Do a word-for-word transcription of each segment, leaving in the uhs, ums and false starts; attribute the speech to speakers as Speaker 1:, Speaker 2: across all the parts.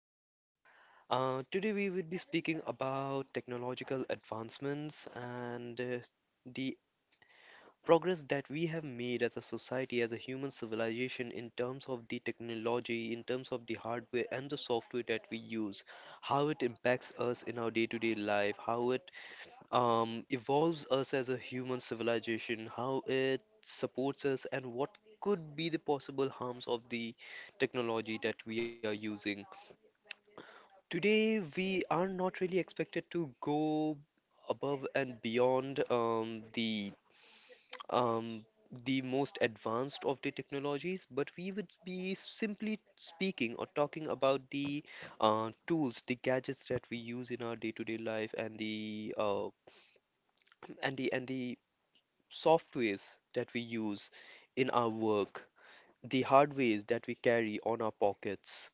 Speaker 1: people. Uh, today we will be speaking about technological advancements and uh, the progress that we have made as a society, as a human civilization, in terms of the technology, in terms of the hardware and the software that we use, how it impacts us in our day-to-day life, how it um, evolves us as a human civilization, how it supports us, and what could be the possible harms of the technology that we are using. Today, we are not really expected to go above and beyond um, the um, the most advanced of the technologies, but we would be simply speaking or talking about the uh, tools, the gadgets that we use in our day-to-day life, and the uh, and the and the softwares that we use in our work, the hardwares that we carry on our pockets.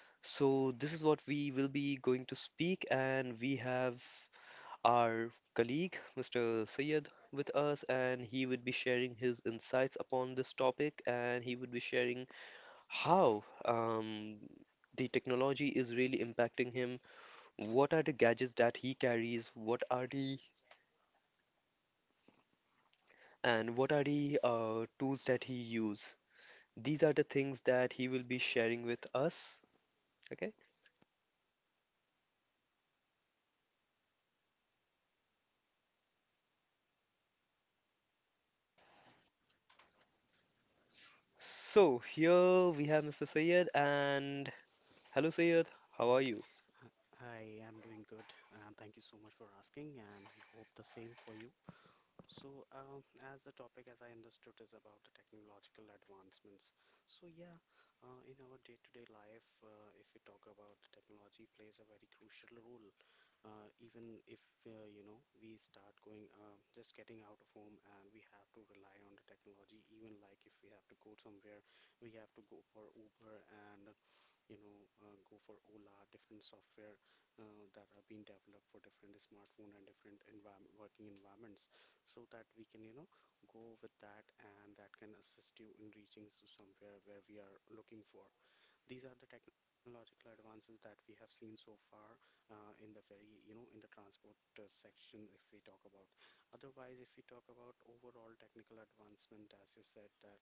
Speaker 1: So, this is what we will be going to speak, and we have our colleague, mister Syed, with us, and he would be sharing his insights upon this topic, and he would be sharing how um, the technology is really impacting him, what are the gadgets that he carries, what are the and what are the uh, tools that he use. These are the things that he will be sharing with us. Okay. So here we have mister Sayed, and hello Sayed, how are you?
Speaker 2: Uh, Hi, I'm doing good, and thank you so much for asking, and I hope the same for you. So, um, as the topic, as I understood, is about the technological advancements. So, yeah, uh, in our day-to-day life, uh, if we talk about technology, plays a very crucial role. Uh, even if uh, you know we start going, uh, just getting out of home, and we have to rely on the technology. Even like if we have to go somewhere, we have to go for Uber and you know uh, go for ola different software uh, that are being developed for different smartphone and different environment working environments so that we can you know go with that and that can assist you in reaching to somewhere where we are looking for. These are the technological advances that we have seen so far, uh, in the very you know in the transport uh, section if we talk about. Otherwise, if we talk about overall technical advancement, as you said that,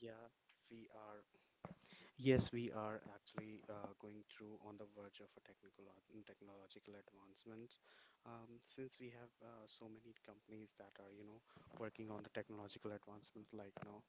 Speaker 2: yeah, we are Yes, we are actually uh, going through on the verge of a technical technological advancement. Um, since we have uh, so many companies that are, you know, working on the technological advancement like now,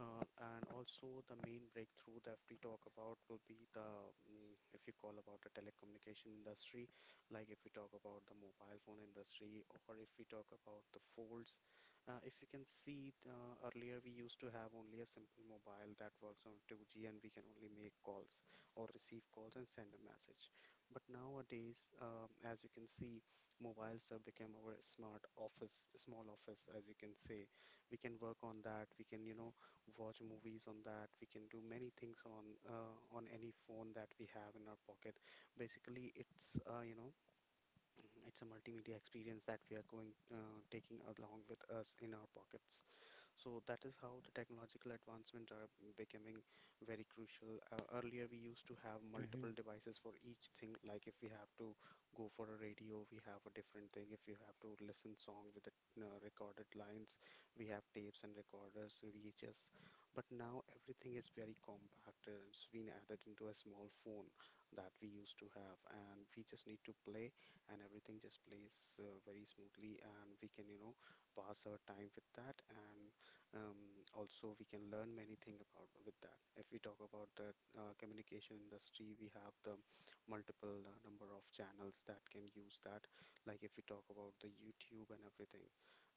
Speaker 2: uh, and also the main breakthrough that we talk about will be the, mm, if you call about the telecommunication industry, like if we talk about the mobile phone industry, or if we talk about the folds, uh, if you can see, uh, earlier we used to have only a simple mobile that works on two G and we can only make calls or receive calls and send a message. But nowadays, um, as you can see, mobiles have become our smart office, small office, as you can say. We can work on that. We can, you know, watch movies on that. We can do many things on uh, on any phone that we have in our pocket. Basically, it's uh, you know it's a multimedia experience that we are going uh, taking along with us in our pockets. So that is how the technological advancement are becoming very crucial. Uh, earlier, we used to have
Speaker 1: Mhm.
Speaker 2: multiple devices for each thing. Like if we have to go for a radio, we have a different thing. If you have to listen song with the uh, recorded lines, we have tapes and recorders, V H S. But now everything is very compact. Uh, It's been added into a small phone that we used to have, and we just need to play, and everything just plays uh, very smoothly, and we can, you know, pass our time with that, and um, also, we can learn many things about with that. If we talk about the uh, communication industry, we have the multiple uh, number of channels that can use that. Like if we talk about the YouTube and everything,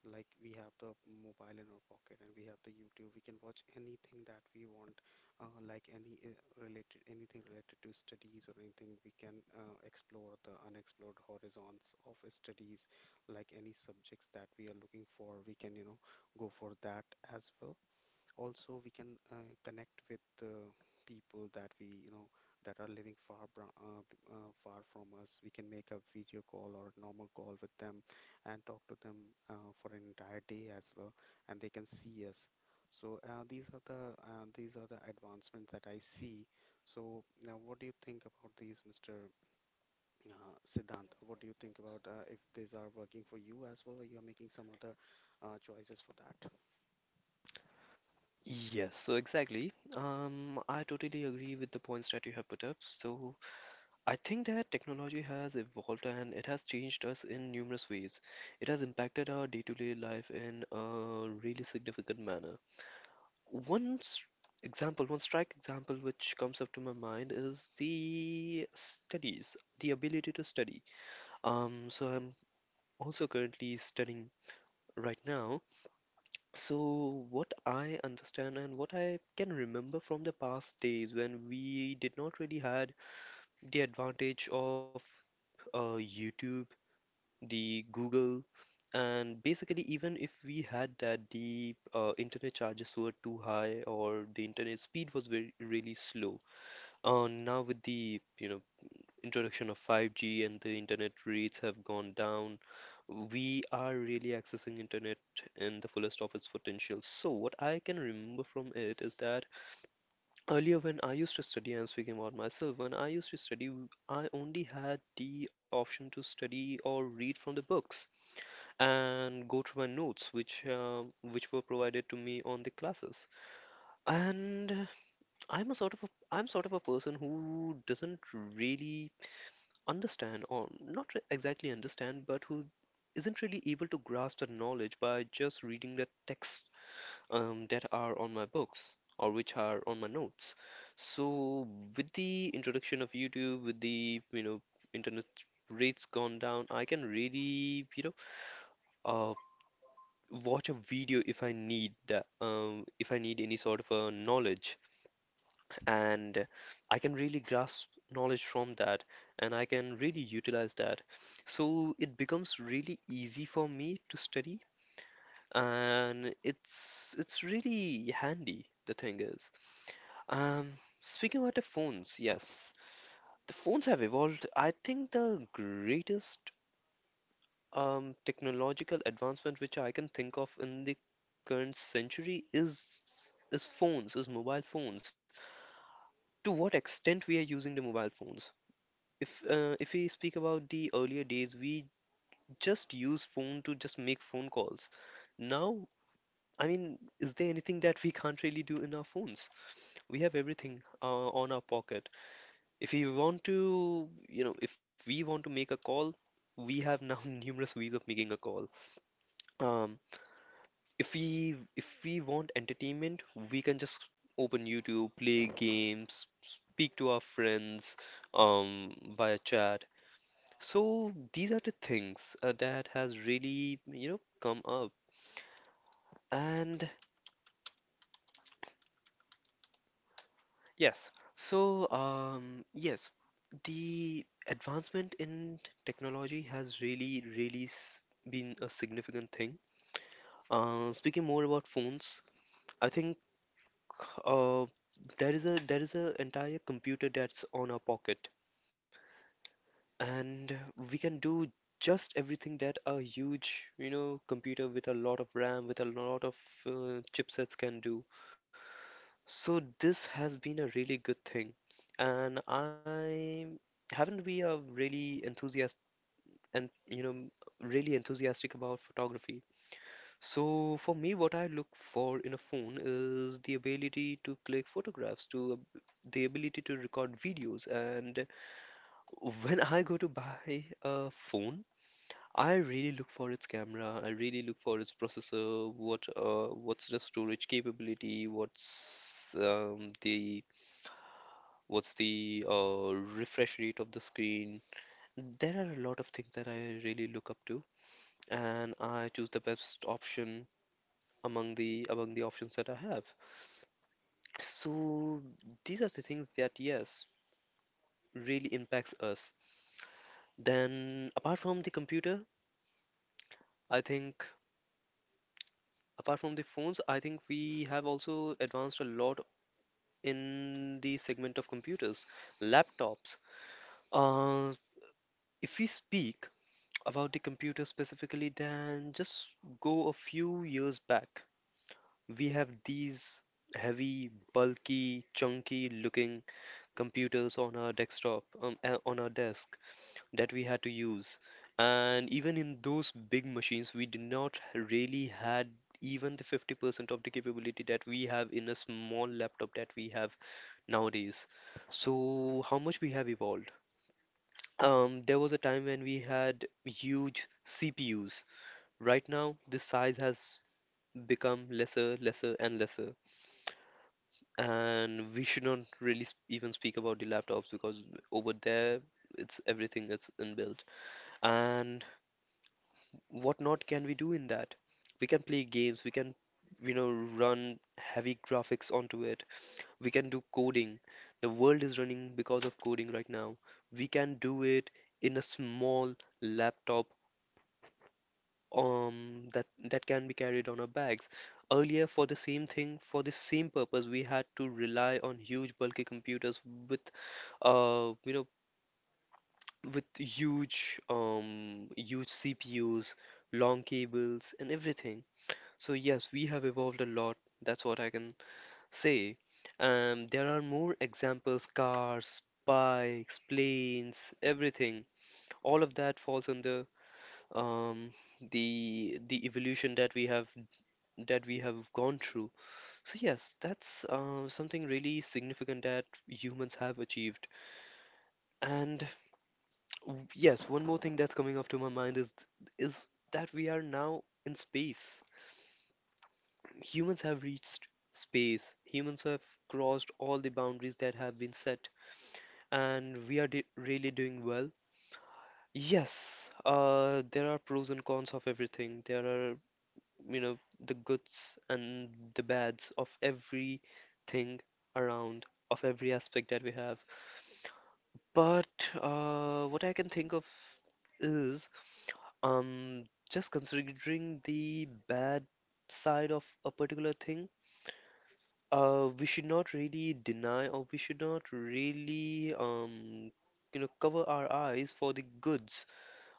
Speaker 2: like we have the mobile in our pocket and we have the YouTube. We can watch anything that we want, uh, like any uh, related anything related to studies or anything. We can uh, explore the unexplored horizons of studies, like any subjects that we are looking for. We can, you know, go for that as well. Also, we can uh, connect with uh, people that we, you know, that are living far bra- uh, b- uh, far from us. We can make a video call or a normal call with them and talk to them uh, for an entire day as well, and they can see us. So uh, these are the uh, these are the advancements that I see. So now, what do you think about these, Mister Uh, Siddhant? What do you think about uh, if these are working for you as well, or you are making some other uh, choices for that?
Speaker 1: Yes, so exactly. Um, I totally agree with the points that you have put up. So I think that technology has evolved and it has changed us in numerous ways. It has impacted our day-to-day life in a really significant manner. One s- example, one strike example which comes up to my mind is the studies, the ability to study. Um, so I'm also currently studying right now. So, what I understand and what I can remember from the past days when we did not really had the advantage of uh, YouTube, the Google, and basically even if we had that, the uh, internet charges were too high or the internet speed was very really slow. Uh, now with the you know introduction of five G and the internet rates have gone down, we are really accessing internet in the fullest of its potential. So what I can remember from it is that earlier when I used to study, and speaking about myself, when I used to study, I only had the option to study or read from the books and go through my notes, which uh, which were provided to me on the classes. And I'm a sort of a, I'm sort of a person who doesn't really understand, or not re- exactly understand, but who isn't really able to grasp the knowledge by just reading the text um, that are on my books or which are on my notes. So with the introduction of YouTube, with the you know internet rates gone down, I can really you know uh, watch a video if I need that, um, if I need any sort of a knowledge and I can really grasp knowledge from that and I can really utilize that. So it becomes really easy for me to study and it's it's really handy, the thing is. Um, Speaking about the phones, yes, the phones have evolved. I think the greatest um, technological advancement which I can think of in the current century is is phones, is mobile phones. To what extent we are using the mobile phones? If uh, if we speak about the earlier days, we just use phone to just make phone calls. Now, I mean, is there anything that we can't really do in our phones? We have everything uh, on our pocket. If we want to, you know, if we want to make a call, we have now numerous ways of making a call. Um, if we if we want entertainment, we can just open YouTube, play games, speak to our friends um, via chat. So these are the things uh, that has really, you know, come up. And yes, so um yes, the advancement in technology has really, really s been a significant thing. Uh, speaking more about phones, I think uh, there is a there is a entire computer that's on our pocket, and we can do just everything that a huge, you know, computer with a lot of RAM, with a lot of uh, chipsets can do. So this has been a really good thing, and I haven't we are really enthusiastic and you know really enthusiastic about photography. So for me, what I look for in a phone is the ability to click photographs, to ab- the ability to record videos, and when I go to buy a phone. I really look for its camera. I really look for its processor. What uh, what's the storage capability? What's um, the What's the uh, refresh rate of the screen? There are a lot of things that I really look up to, and I choose the best option among the among the options that I have. So these are the things that, yes, really impacts us. Then apart from the computer, I think apart from the phones, I think we have also advanced a lot in the segment of computers, laptops. Uh, if we speak about the computer specifically, Dan, just go a few years back. We have these heavy, bulky, chunky looking computers on our desktop, um, a- on our desk that we had to use. And even in those big machines, we did not really had even the fifty percent of the capability that we have in a small laptop that we have nowadays. So, how much we have evolved? Um, there was a time when we had huge C P Us. Right now, this size has become lesser, lesser, and lesser. And we should not really sp even speak about the laptops because over there, it's everything that's inbuilt. And what not can we do in that? We can play games, we can, you know, run heavy graphics onto it, we can do coding. The world is running because of coding right now. We can do it in a small laptop, um that that can be carried on our bags. Earlier, for the same thing, for the same purpose, we had to rely on huge bulky computers with uh you know with huge um huge C P Us, long cables and everything. So yes, we have evolved a lot. That's what I can say. Um, there are more examples, cars, bikes, planes, everything. All of that falls under um the the evolution that we have that we have gone through. So yes, that's uh, something really significant that humans have achieved. And w- yes, one more thing that's coming up to my mind is is that we are now in space. Humans have reached space. Humans have crossed all the boundaries that have been set, and we are di really doing well. Yes, uh, there are pros and cons of everything. There are you know, the goods and the bads of everything around, of every aspect that we have. But uh, what I can think of is um, just considering the bad side of a particular thing, uh, we should not really deny or we should not really um, you know, cover our eyes for the goods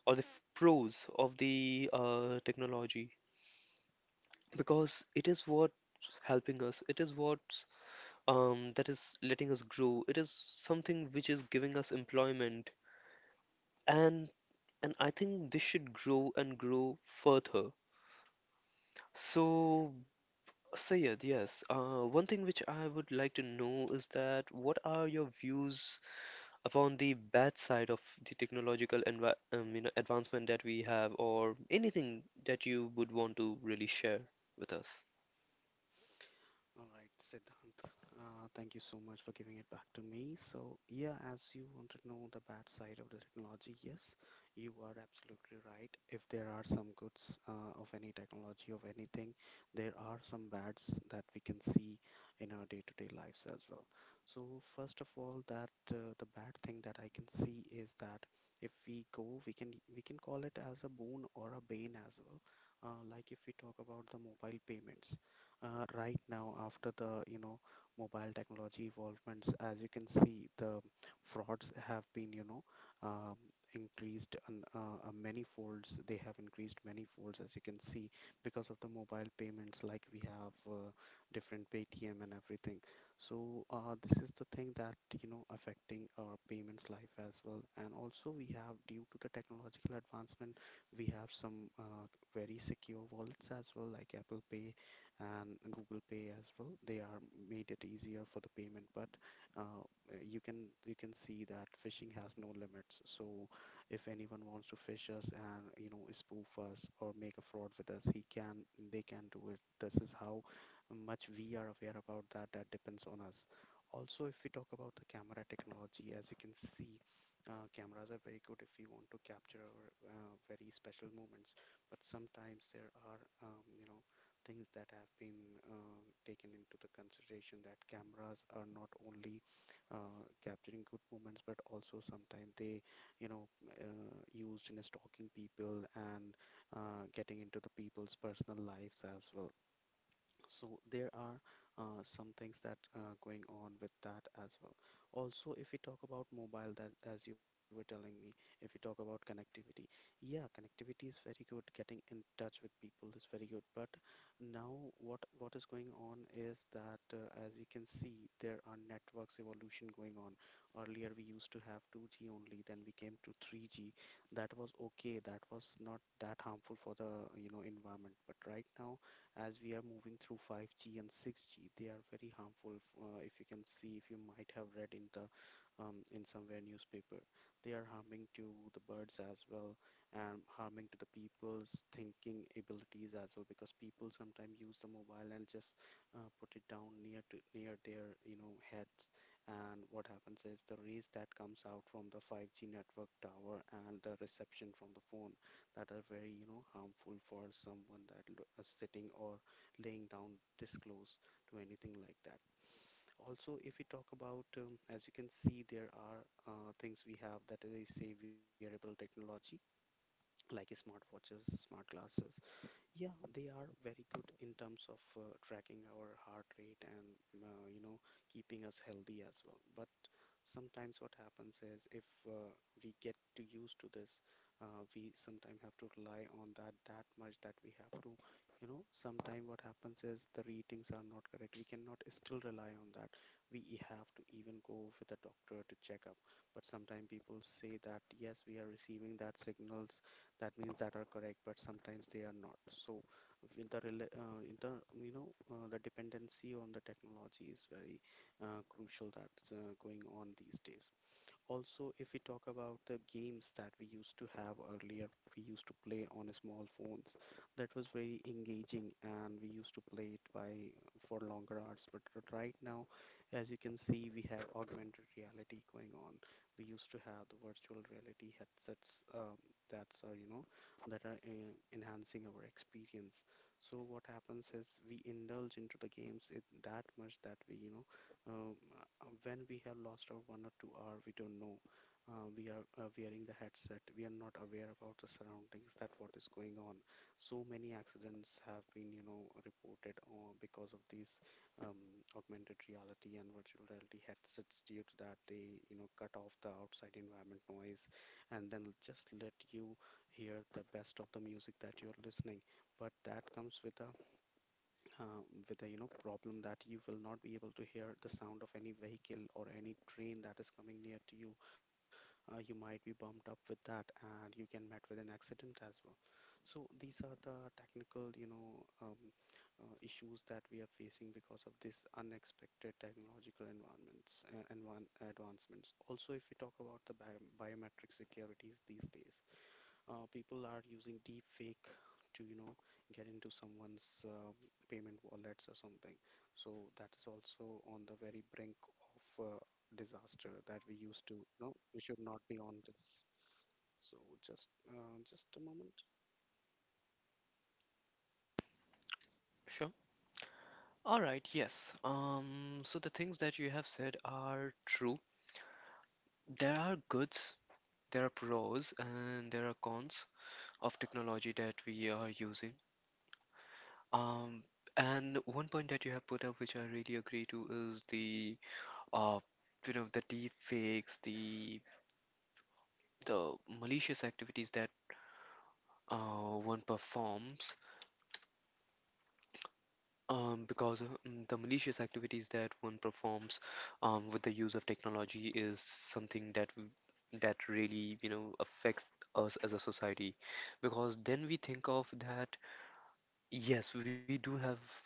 Speaker 1: or the f- pros of the uh, technology, because it is what's helping us, it is what's um, that is letting us grow, it is something which is giving us employment, and and I think this should grow and grow further. So Sayed, yes. Uh, one thing which I would like to know is that what are your views upon the bad side of the technological envi um, you know, advancement that we have, or anything that you would want to really share with us?
Speaker 2: All right, Siddhant, uh, thank you so much for giving it back to me. So, yeah, as you want to know the bad side of the technology, yes, you are absolutely right. If there are some goods uh, of any technology, of anything, there are some bads that we can see in our day-to-day lives as well. So, first of all, that uh, the bad thing that I can see is that if we go, we can we can call it as a boon or a bane as well. Uh, like if we talk about the mobile payments, uh, right now after the you know mobile technology evolvements, as you can see the frauds have been you know, um, increased on, uh, uh, many folds. They have increased many folds, as you can see, because of the mobile payments. Like we have uh, different paytm and everything. So uh, this is the thing that you know affecting our payments life as well, and also we have, due to the technological advancement, we have some uh, very secure wallets as well, like apple pay and Google Pay as well. They are made it easier for the payment, but uh, you can you can see that phishing has no limits. So if anyone wants to fish us and you know spoof us or make a fraud with us, he can they can do it. This is how much we are aware about that. That depends on us. Also, if we talk about the camera technology, as you can see, uh, cameras are very good if you want to capture uh, very special moments. But sometimes there are, um, you know, things that have been uh, taken into the consideration that cameras are not only uh, capturing good moments but also sometimes they you know uh, used in stalking people and uh, getting into the people's personal lives as well. So there are uh, some things that are going on with that as well. Also, if we talk about mobile, that as you were telling me, if we talk about connectivity, yeah, connectivity is very good. Getting in touch with people is very good. But now, what what is going on is that, uh, as we can see, there are networks evolution going on. Earlier, we used to have two G only, then we came to three G. That was okay. That was not that harmful for the, you know, environment. But right now as we are moving through five G and six G, they are very harmful. F- Uh, if you can see, if you might have read in the um, in somewhere newspaper, they are harming to the birds as well and harming to the people's thinking abilities as well, because people sometimes use the mobile and just uh, put it down near to near their you know heads, and what happens is the rays that comes out from the five G network tower and the reception from the phone that are very, you know, harmful for someone that lo- uh, sitting or laying down this close to anything like that. Also, if we talk about, um, as you can see, there are uh, things we have that they say wearable technology, like smartwatches, smart glasses. Yeah, they are very good in terms of uh, tracking our heart rate and, uh, you know, keeping us healthy as well. But sometimes what happens is if uh, we get too used to this, uh, we sometimes have to rely on that that much that we have to, you know, sometimes what happens is the readings are not correct. We cannot still rely on that. We have to even go with a doctor to check up. But sometimes people say that yes, we are receiving that signals. That means that are correct, but sometimes they are not. So with the rela- uh, in the you know uh, the dependency on the technology is very uh, crucial that's uh, going on these days. Also, if we talk about the games that we used to have earlier, we used to play on a small phones. That was very engaging, and we used to play it by for longer hours. But r- right now, as you can see, we have augmented reality going on. We used to have the virtual reality headsets, um, that's are you know that are uh, enhancing our experience. So what happens is we indulge into the games it that much that we you know um, uh, when we have lost our one or two hour we don't know, uh, we are uh, wearing the headset, we are not aware about the surroundings that what is going on. So many accidents have been you know reported uh, because of these um, augmented reality and virtual reality headsets, due to that they you know cut off the outside environment noise and then just let you hear the best of the music that you're listening. But that comes with a uh, with a you know problem that you will not be able to hear the sound of any vehicle or any train that is coming near to you. Uh, you might be bumped up with that and you can met with an accident as well. So these are the technical you know um, uh, issues that we are facing because of this unexpected technological environments uh, and advancements. Also, if we talk about the bio- biometric securities these days, uh, people are using deep fake to you know get into someone's, um, payment wallets or something. So that is also on the very brink of uh, disaster that we used to, no, we should not be on this. So just uh, just a moment.
Speaker 1: Sure. All right, yes. Um, so the things that you have said are true. There are goods, there are pros, and there are cons of technology that we are using. Um, and one point that you have put up, which I really agree to, is the uh, you know, the deep fakes, the the malicious activities that uh, one performs. Um, because uh, mm, the malicious activities that one performs um, with the use of technology is something that w- that really, you know, affects us as a society. Because then we think of that, yes, we do have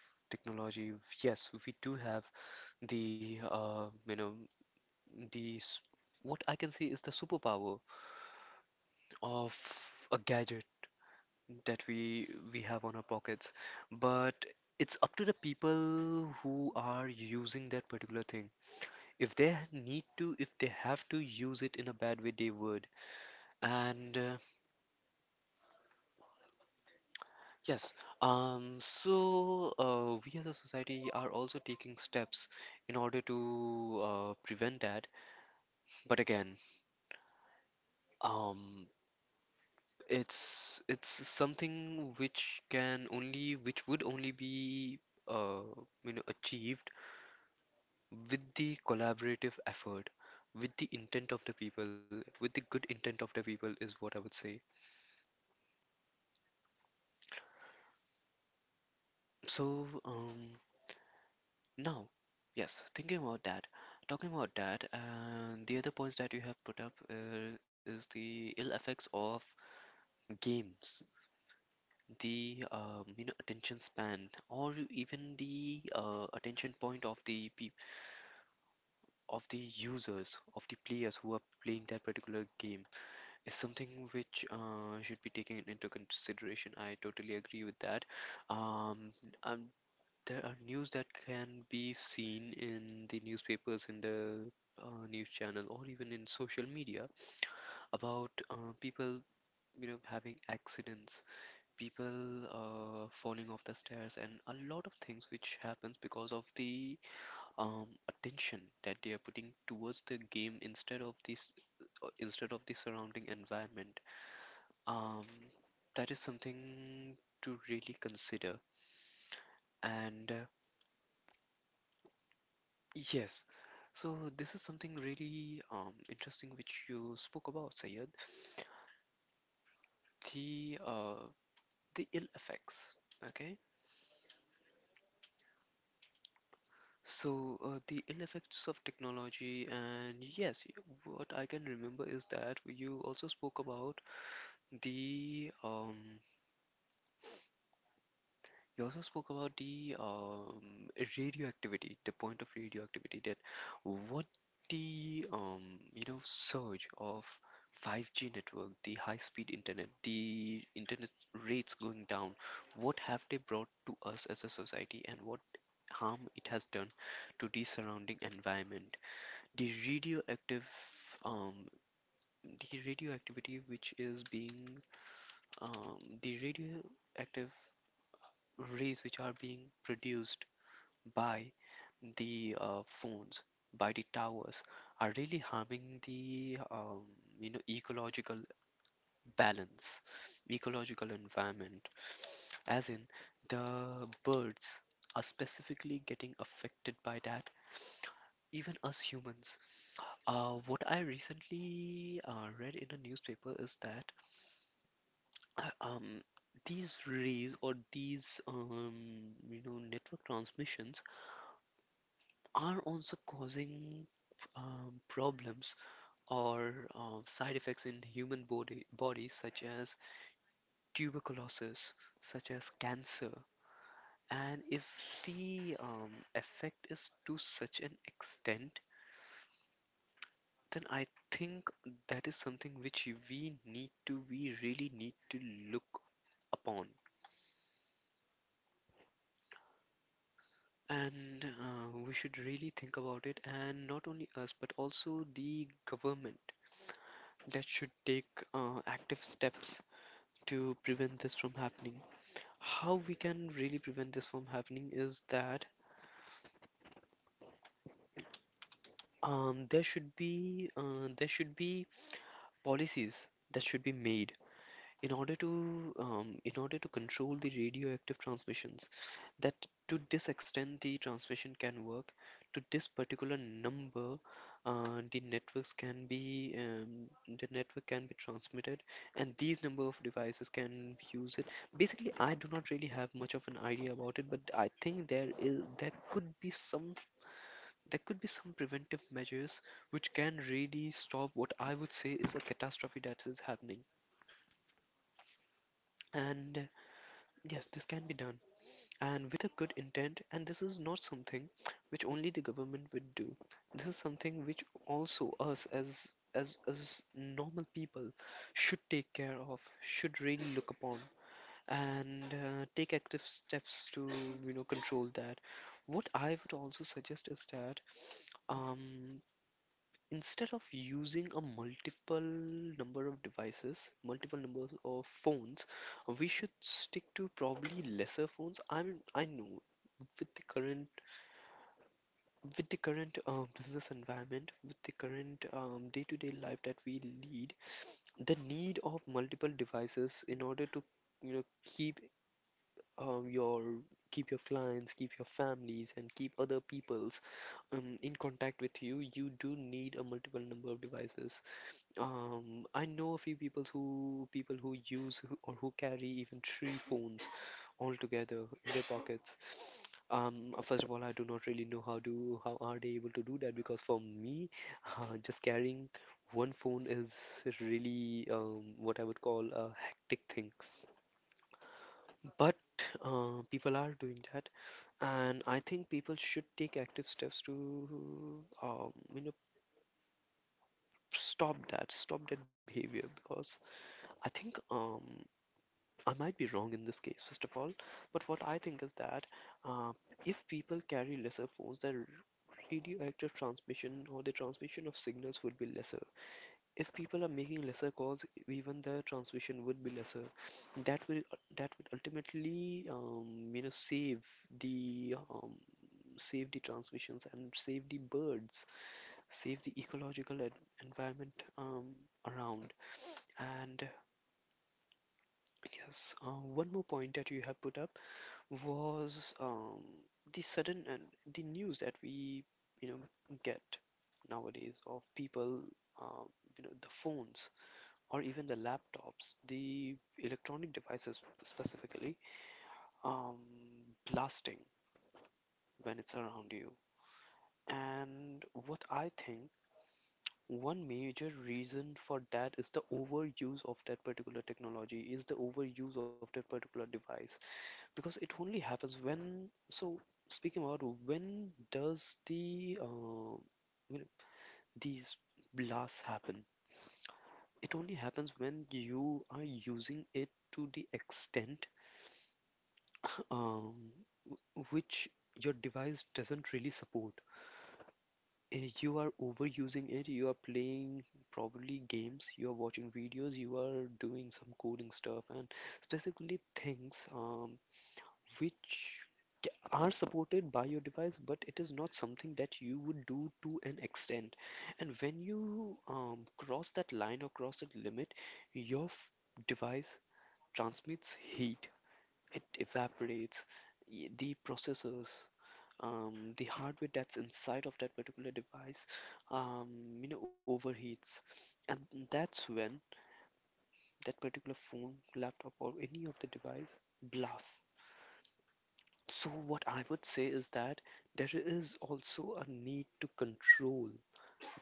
Speaker 1: technology. Yes, we do have the, uh, you know, the s- what I can say is the superpower of a gadget that we we have on our pockets. But it's up to the people who are using that particular thing. If they need to, if they have to use it in a bad way, they would. And uh, yes um so uh, We as a society are also taking steps in order to uh, prevent that, but again um it's it's something which can only which would only be uh, you know achieved with the collaborative effort, with the intent of the people, with the good intent of the people is what I would say. So, um, now, yes, thinking about that, talking about that, and the other points that you have put up uh, is the ill effects of games, the um, you know attention span, or even the uh, attention point of the peop of the users, of the players who are playing that particular game is something which uh, should be taken into consideration. I totally agree with that. Um, um, there are news that can be seen in the newspapers, in the uh, news channel, or even in social media about uh, people, you know, having accidents, people uh, falling off the stairs, and a lot of things which happens because of the um, attention that they are putting towards the game instead of this uh, instead of the surrounding environment um, that is something to really consider. And uh, Yes, so this is something really um, interesting which you spoke about, Sayed. The uh, the ill effects. Okay, so uh, the ill effects of technology. And yes, y- what I can remember is that you also spoke about the um, You also spoke about the um, radioactivity, the point of radioactivity, that what the um, you know surge of five G network, the high-speed internet, the internet rates going down, what have they brought to us as a society, and what harm it has done to the surrounding environment? The radioactive um, the radioactivity which is being um, the radioactive rays which are being produced by the uh, phones, by the towers, are really harming the um, you know ecological balance, ecological environment. As in, the birds are specifically getting affected by that. Even us humans. Uh, what I recently uh, read in a newspaper is that uh, um, these rays or these um, you know network transmissions are also causing um, problems or um, side effects in human body bodies such as tuberculosis, such as cancer. And if the um, effect is to such an extent, then I think that is something which we need to, we really need to look upon. And uh, we should really think about it, and not only us, but also the government, that should take uh, active steps to prevent this from happening. How we can really prevent this from happening is that um, there should be uh, there should be policies that should be made in order to um, in order to control the radioactive transmissions. That, to this extent the transmission can work, to this particular number, uh, the networks can be um, the network can be transmitted and these number of devices can use it. Basically, I do not really have much of an idea about it, but I think there is there could be some, there could be some preventive measures which can really stop what I would say is a catastrophe that is happening. And yes, this can be done, and with a good intent. And this is not something which only the government would do. This is something which also us as as as normal people should take care of, should really look upon, and uh, take active steps to you know control that. What I would also suggest is that um, instead of using a multiple number of devices, multiple numbers of phones, we should stick to probably lesser phones. I mean, I know with the current, with the current um, business environment, with the current um, day-to-day life that we lead, the need of multiple devices in order to you know keep um, your keep your clients, keep your families, and keep other peoples um, in contact with you, you do need a multiple number of devices. Um, I know a few people who people who use who, or who carry even three phones all together in their pockets. Um, first of all, I do not really know how do how are they able to do that, because for me, uh, just carrying one phone is really um, what I would call a hectic thing. But uh, people are doing that, and I think people should take active steps to um, you know stop that stop that behavior. Because I think, um I might be wrong in this case, first of all, but what I think is that uh, if people carry lesser phones, their radioactive transmission or the transmission of signals would be lesser. If people are making lesser calls, even the transmission would be lesser. That will that would ultimately um, you know save the um, save the transmissions and save the birds, save the ecological en environment um, around. And yes, uh, one more point that you have put up was um, the sudden and the news that we, you know, get nowadays of people, um, you know the phones or even the laptops, the electronic devices specifically, um, blasting when it's around you. And what I think, one major reason for that is the overuse of that particular technology, is the overuse of that particular device. Because it only happens when. So, speaking about, when does the uh, when these blasts happen? It only happens when you are using it to the extent um, w- which your device doesn't really support. Eh, you are overusing it. You are playing probably games. You are watching videos. You are doing some coding stuff and specifically things um, which are supported by your device, but it is not something that you would do to an extent. And when you um, cross that line or cross that limit, your f- device transmits heat, it evaporates. Y- The processors, um, the hardware that's inside of that particular device, um, you know, overheats. And that's when that particular phone, laptop, or any of the device blasts. So what I would say is that there is also a need to control.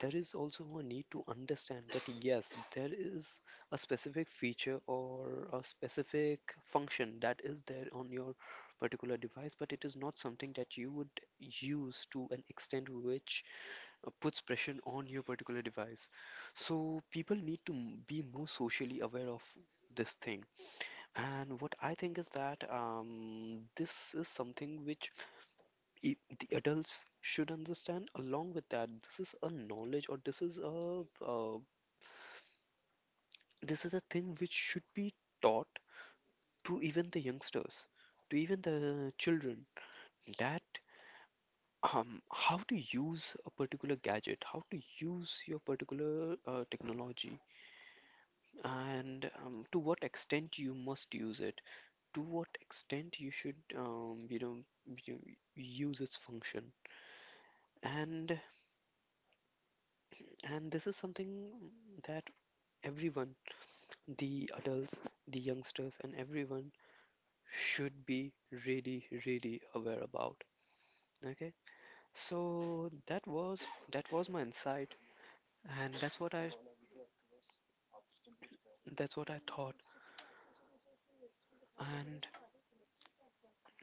Speaker 1: There is also a need to understand that yes, there is a specific feature or a specific function that is there on your particular device, but it is not something that you would use to an extent which uh, puts pressure on your particular device. So people need to m- be more socially aware of this thing. And what I think is that um, this is something which i- the adults should understand. Along with that, this is a knowledge, or this is a uh, this is a thing which should be taught to even the youngsters, to even the children, that um, how to use a particular gadget, how to use your particular uh, technology, and um, to what extent you must use it, to what extent you should, um, you know you, use its function. and and this is something that everyone, the adults, the youngsters, and everyone should be really, really aware about. Okay, so that was, that was my insight, and that's what I that's what I thought. And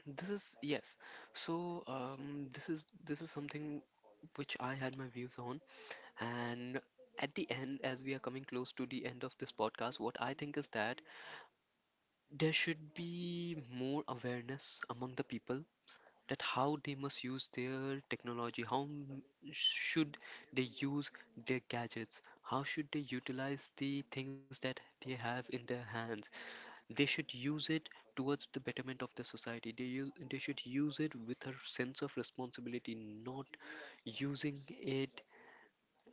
Speaker 1: this is, yes, so um, this is, this is something which I had my views on, and at the end, as we are coming close to the end of this podcast, what I think is that there should be more awareness among the people that how they must use their technology, how m- should they use their gadgets, how should they utilize the things that they have in their hands. They should use it towards the betterment of the society. They use they should use it with a sense of responsibility, not using it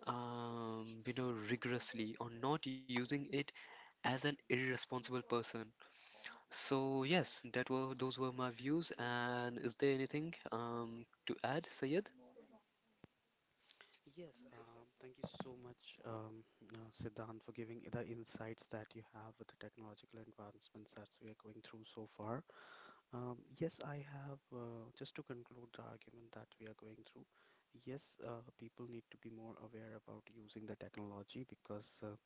Speaker 1: um, you know rigorously, or not using it as an irresponsible person. So yes, that were those were my views. And is there anything um to add, Sayed?
Speaker 2: Yes, um, thank you so much, um, uh, Siddhant, for giving the insights that you have with the technological advancements that we are going through so far. Um, yes, I have, uh, just to conclude the argument that we are going through, yes, uh, people need to be more aware about using the technology because uh,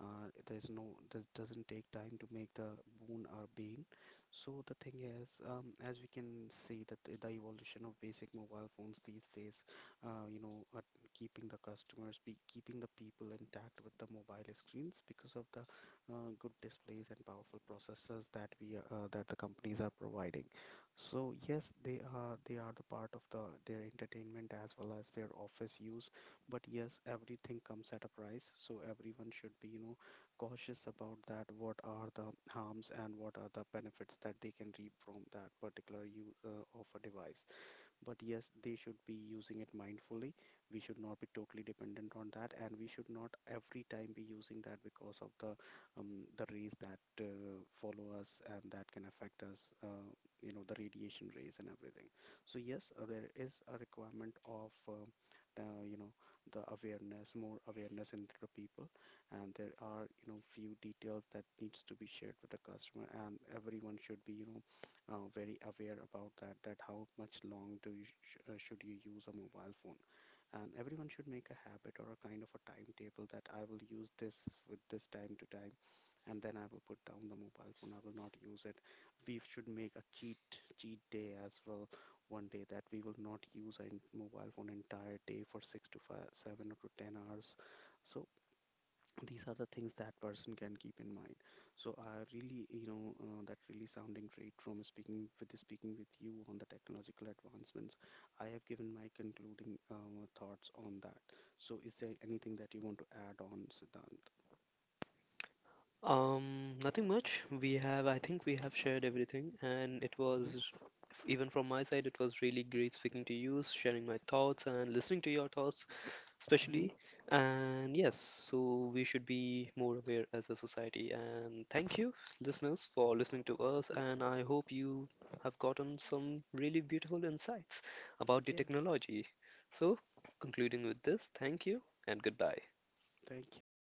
Speaker 2: uh, there's no, this doesn't take time to make the boon or bane. So the thing is, um, as we can see that the evolution of basic mobile phones these days, uh, you know are keeping the customers be keeping the people intact with the mobile screens because of the uh, good displays and powerful processors that we are- uh, that the companies are providing. So yes, they are they are the part of the their entertainment as well as their office use. But yes, everything comes at a price, so everyone should be, you know, cautious about that. What are the harms and what are the benefits that they can reap from that particular use uh, of a device? But yes, they should be using it mindfully. We should not be totally dependent on that, and we should not every time be using that because of the, um, the rays that uh, follow us and that can affect us, uh, you know, the radiation rays and everything. So yes, uh, there is a requirement of um uh, you know the awareness, more awareness in the people, and there are you know few details that needs to be shared with the customer, and everyone should be you know uh, very aware about that, that how much long do you sh- uh, should you use a mobile phone. And everyone should make a habit or a kind of a timetable that I will use this with this time to time, and then I will put down the mobile phone, I will not use it. We should make a cheat cheat day as well, one day that we will not use a mobile phone entire day for six to five seven or to ten hours. So these are the things that person can keep in mind. So I really you know uh, that really sounding great from speaking with speaking with you on the technological advancements. I have given my concluding um, thoughts on that. So is there anything that you want to add on, Siddhant?
Speaker 1: Um, nothing much. We have, I think we have shared everything, and it
Speaker 2: Mm-hmm,
Speaker 1: was, even from my side, it was really great speaking to you, sharing my thoughts, and listening to your thoughts.
Speaker 2: mm-hmm,
Speaker 1: Especially. And yes, so we should be more aware as a society. And thank you, listeners, for listening to
Speaker 2: mm-hmm.
Speaker 1: us. And I hope you have gotten some really beautiful insights about the
Speaker 2: Yeah.
Speaker 1: technology. So, concluding with this, thank you and goodbye.
Speaker 2: Thank you, thank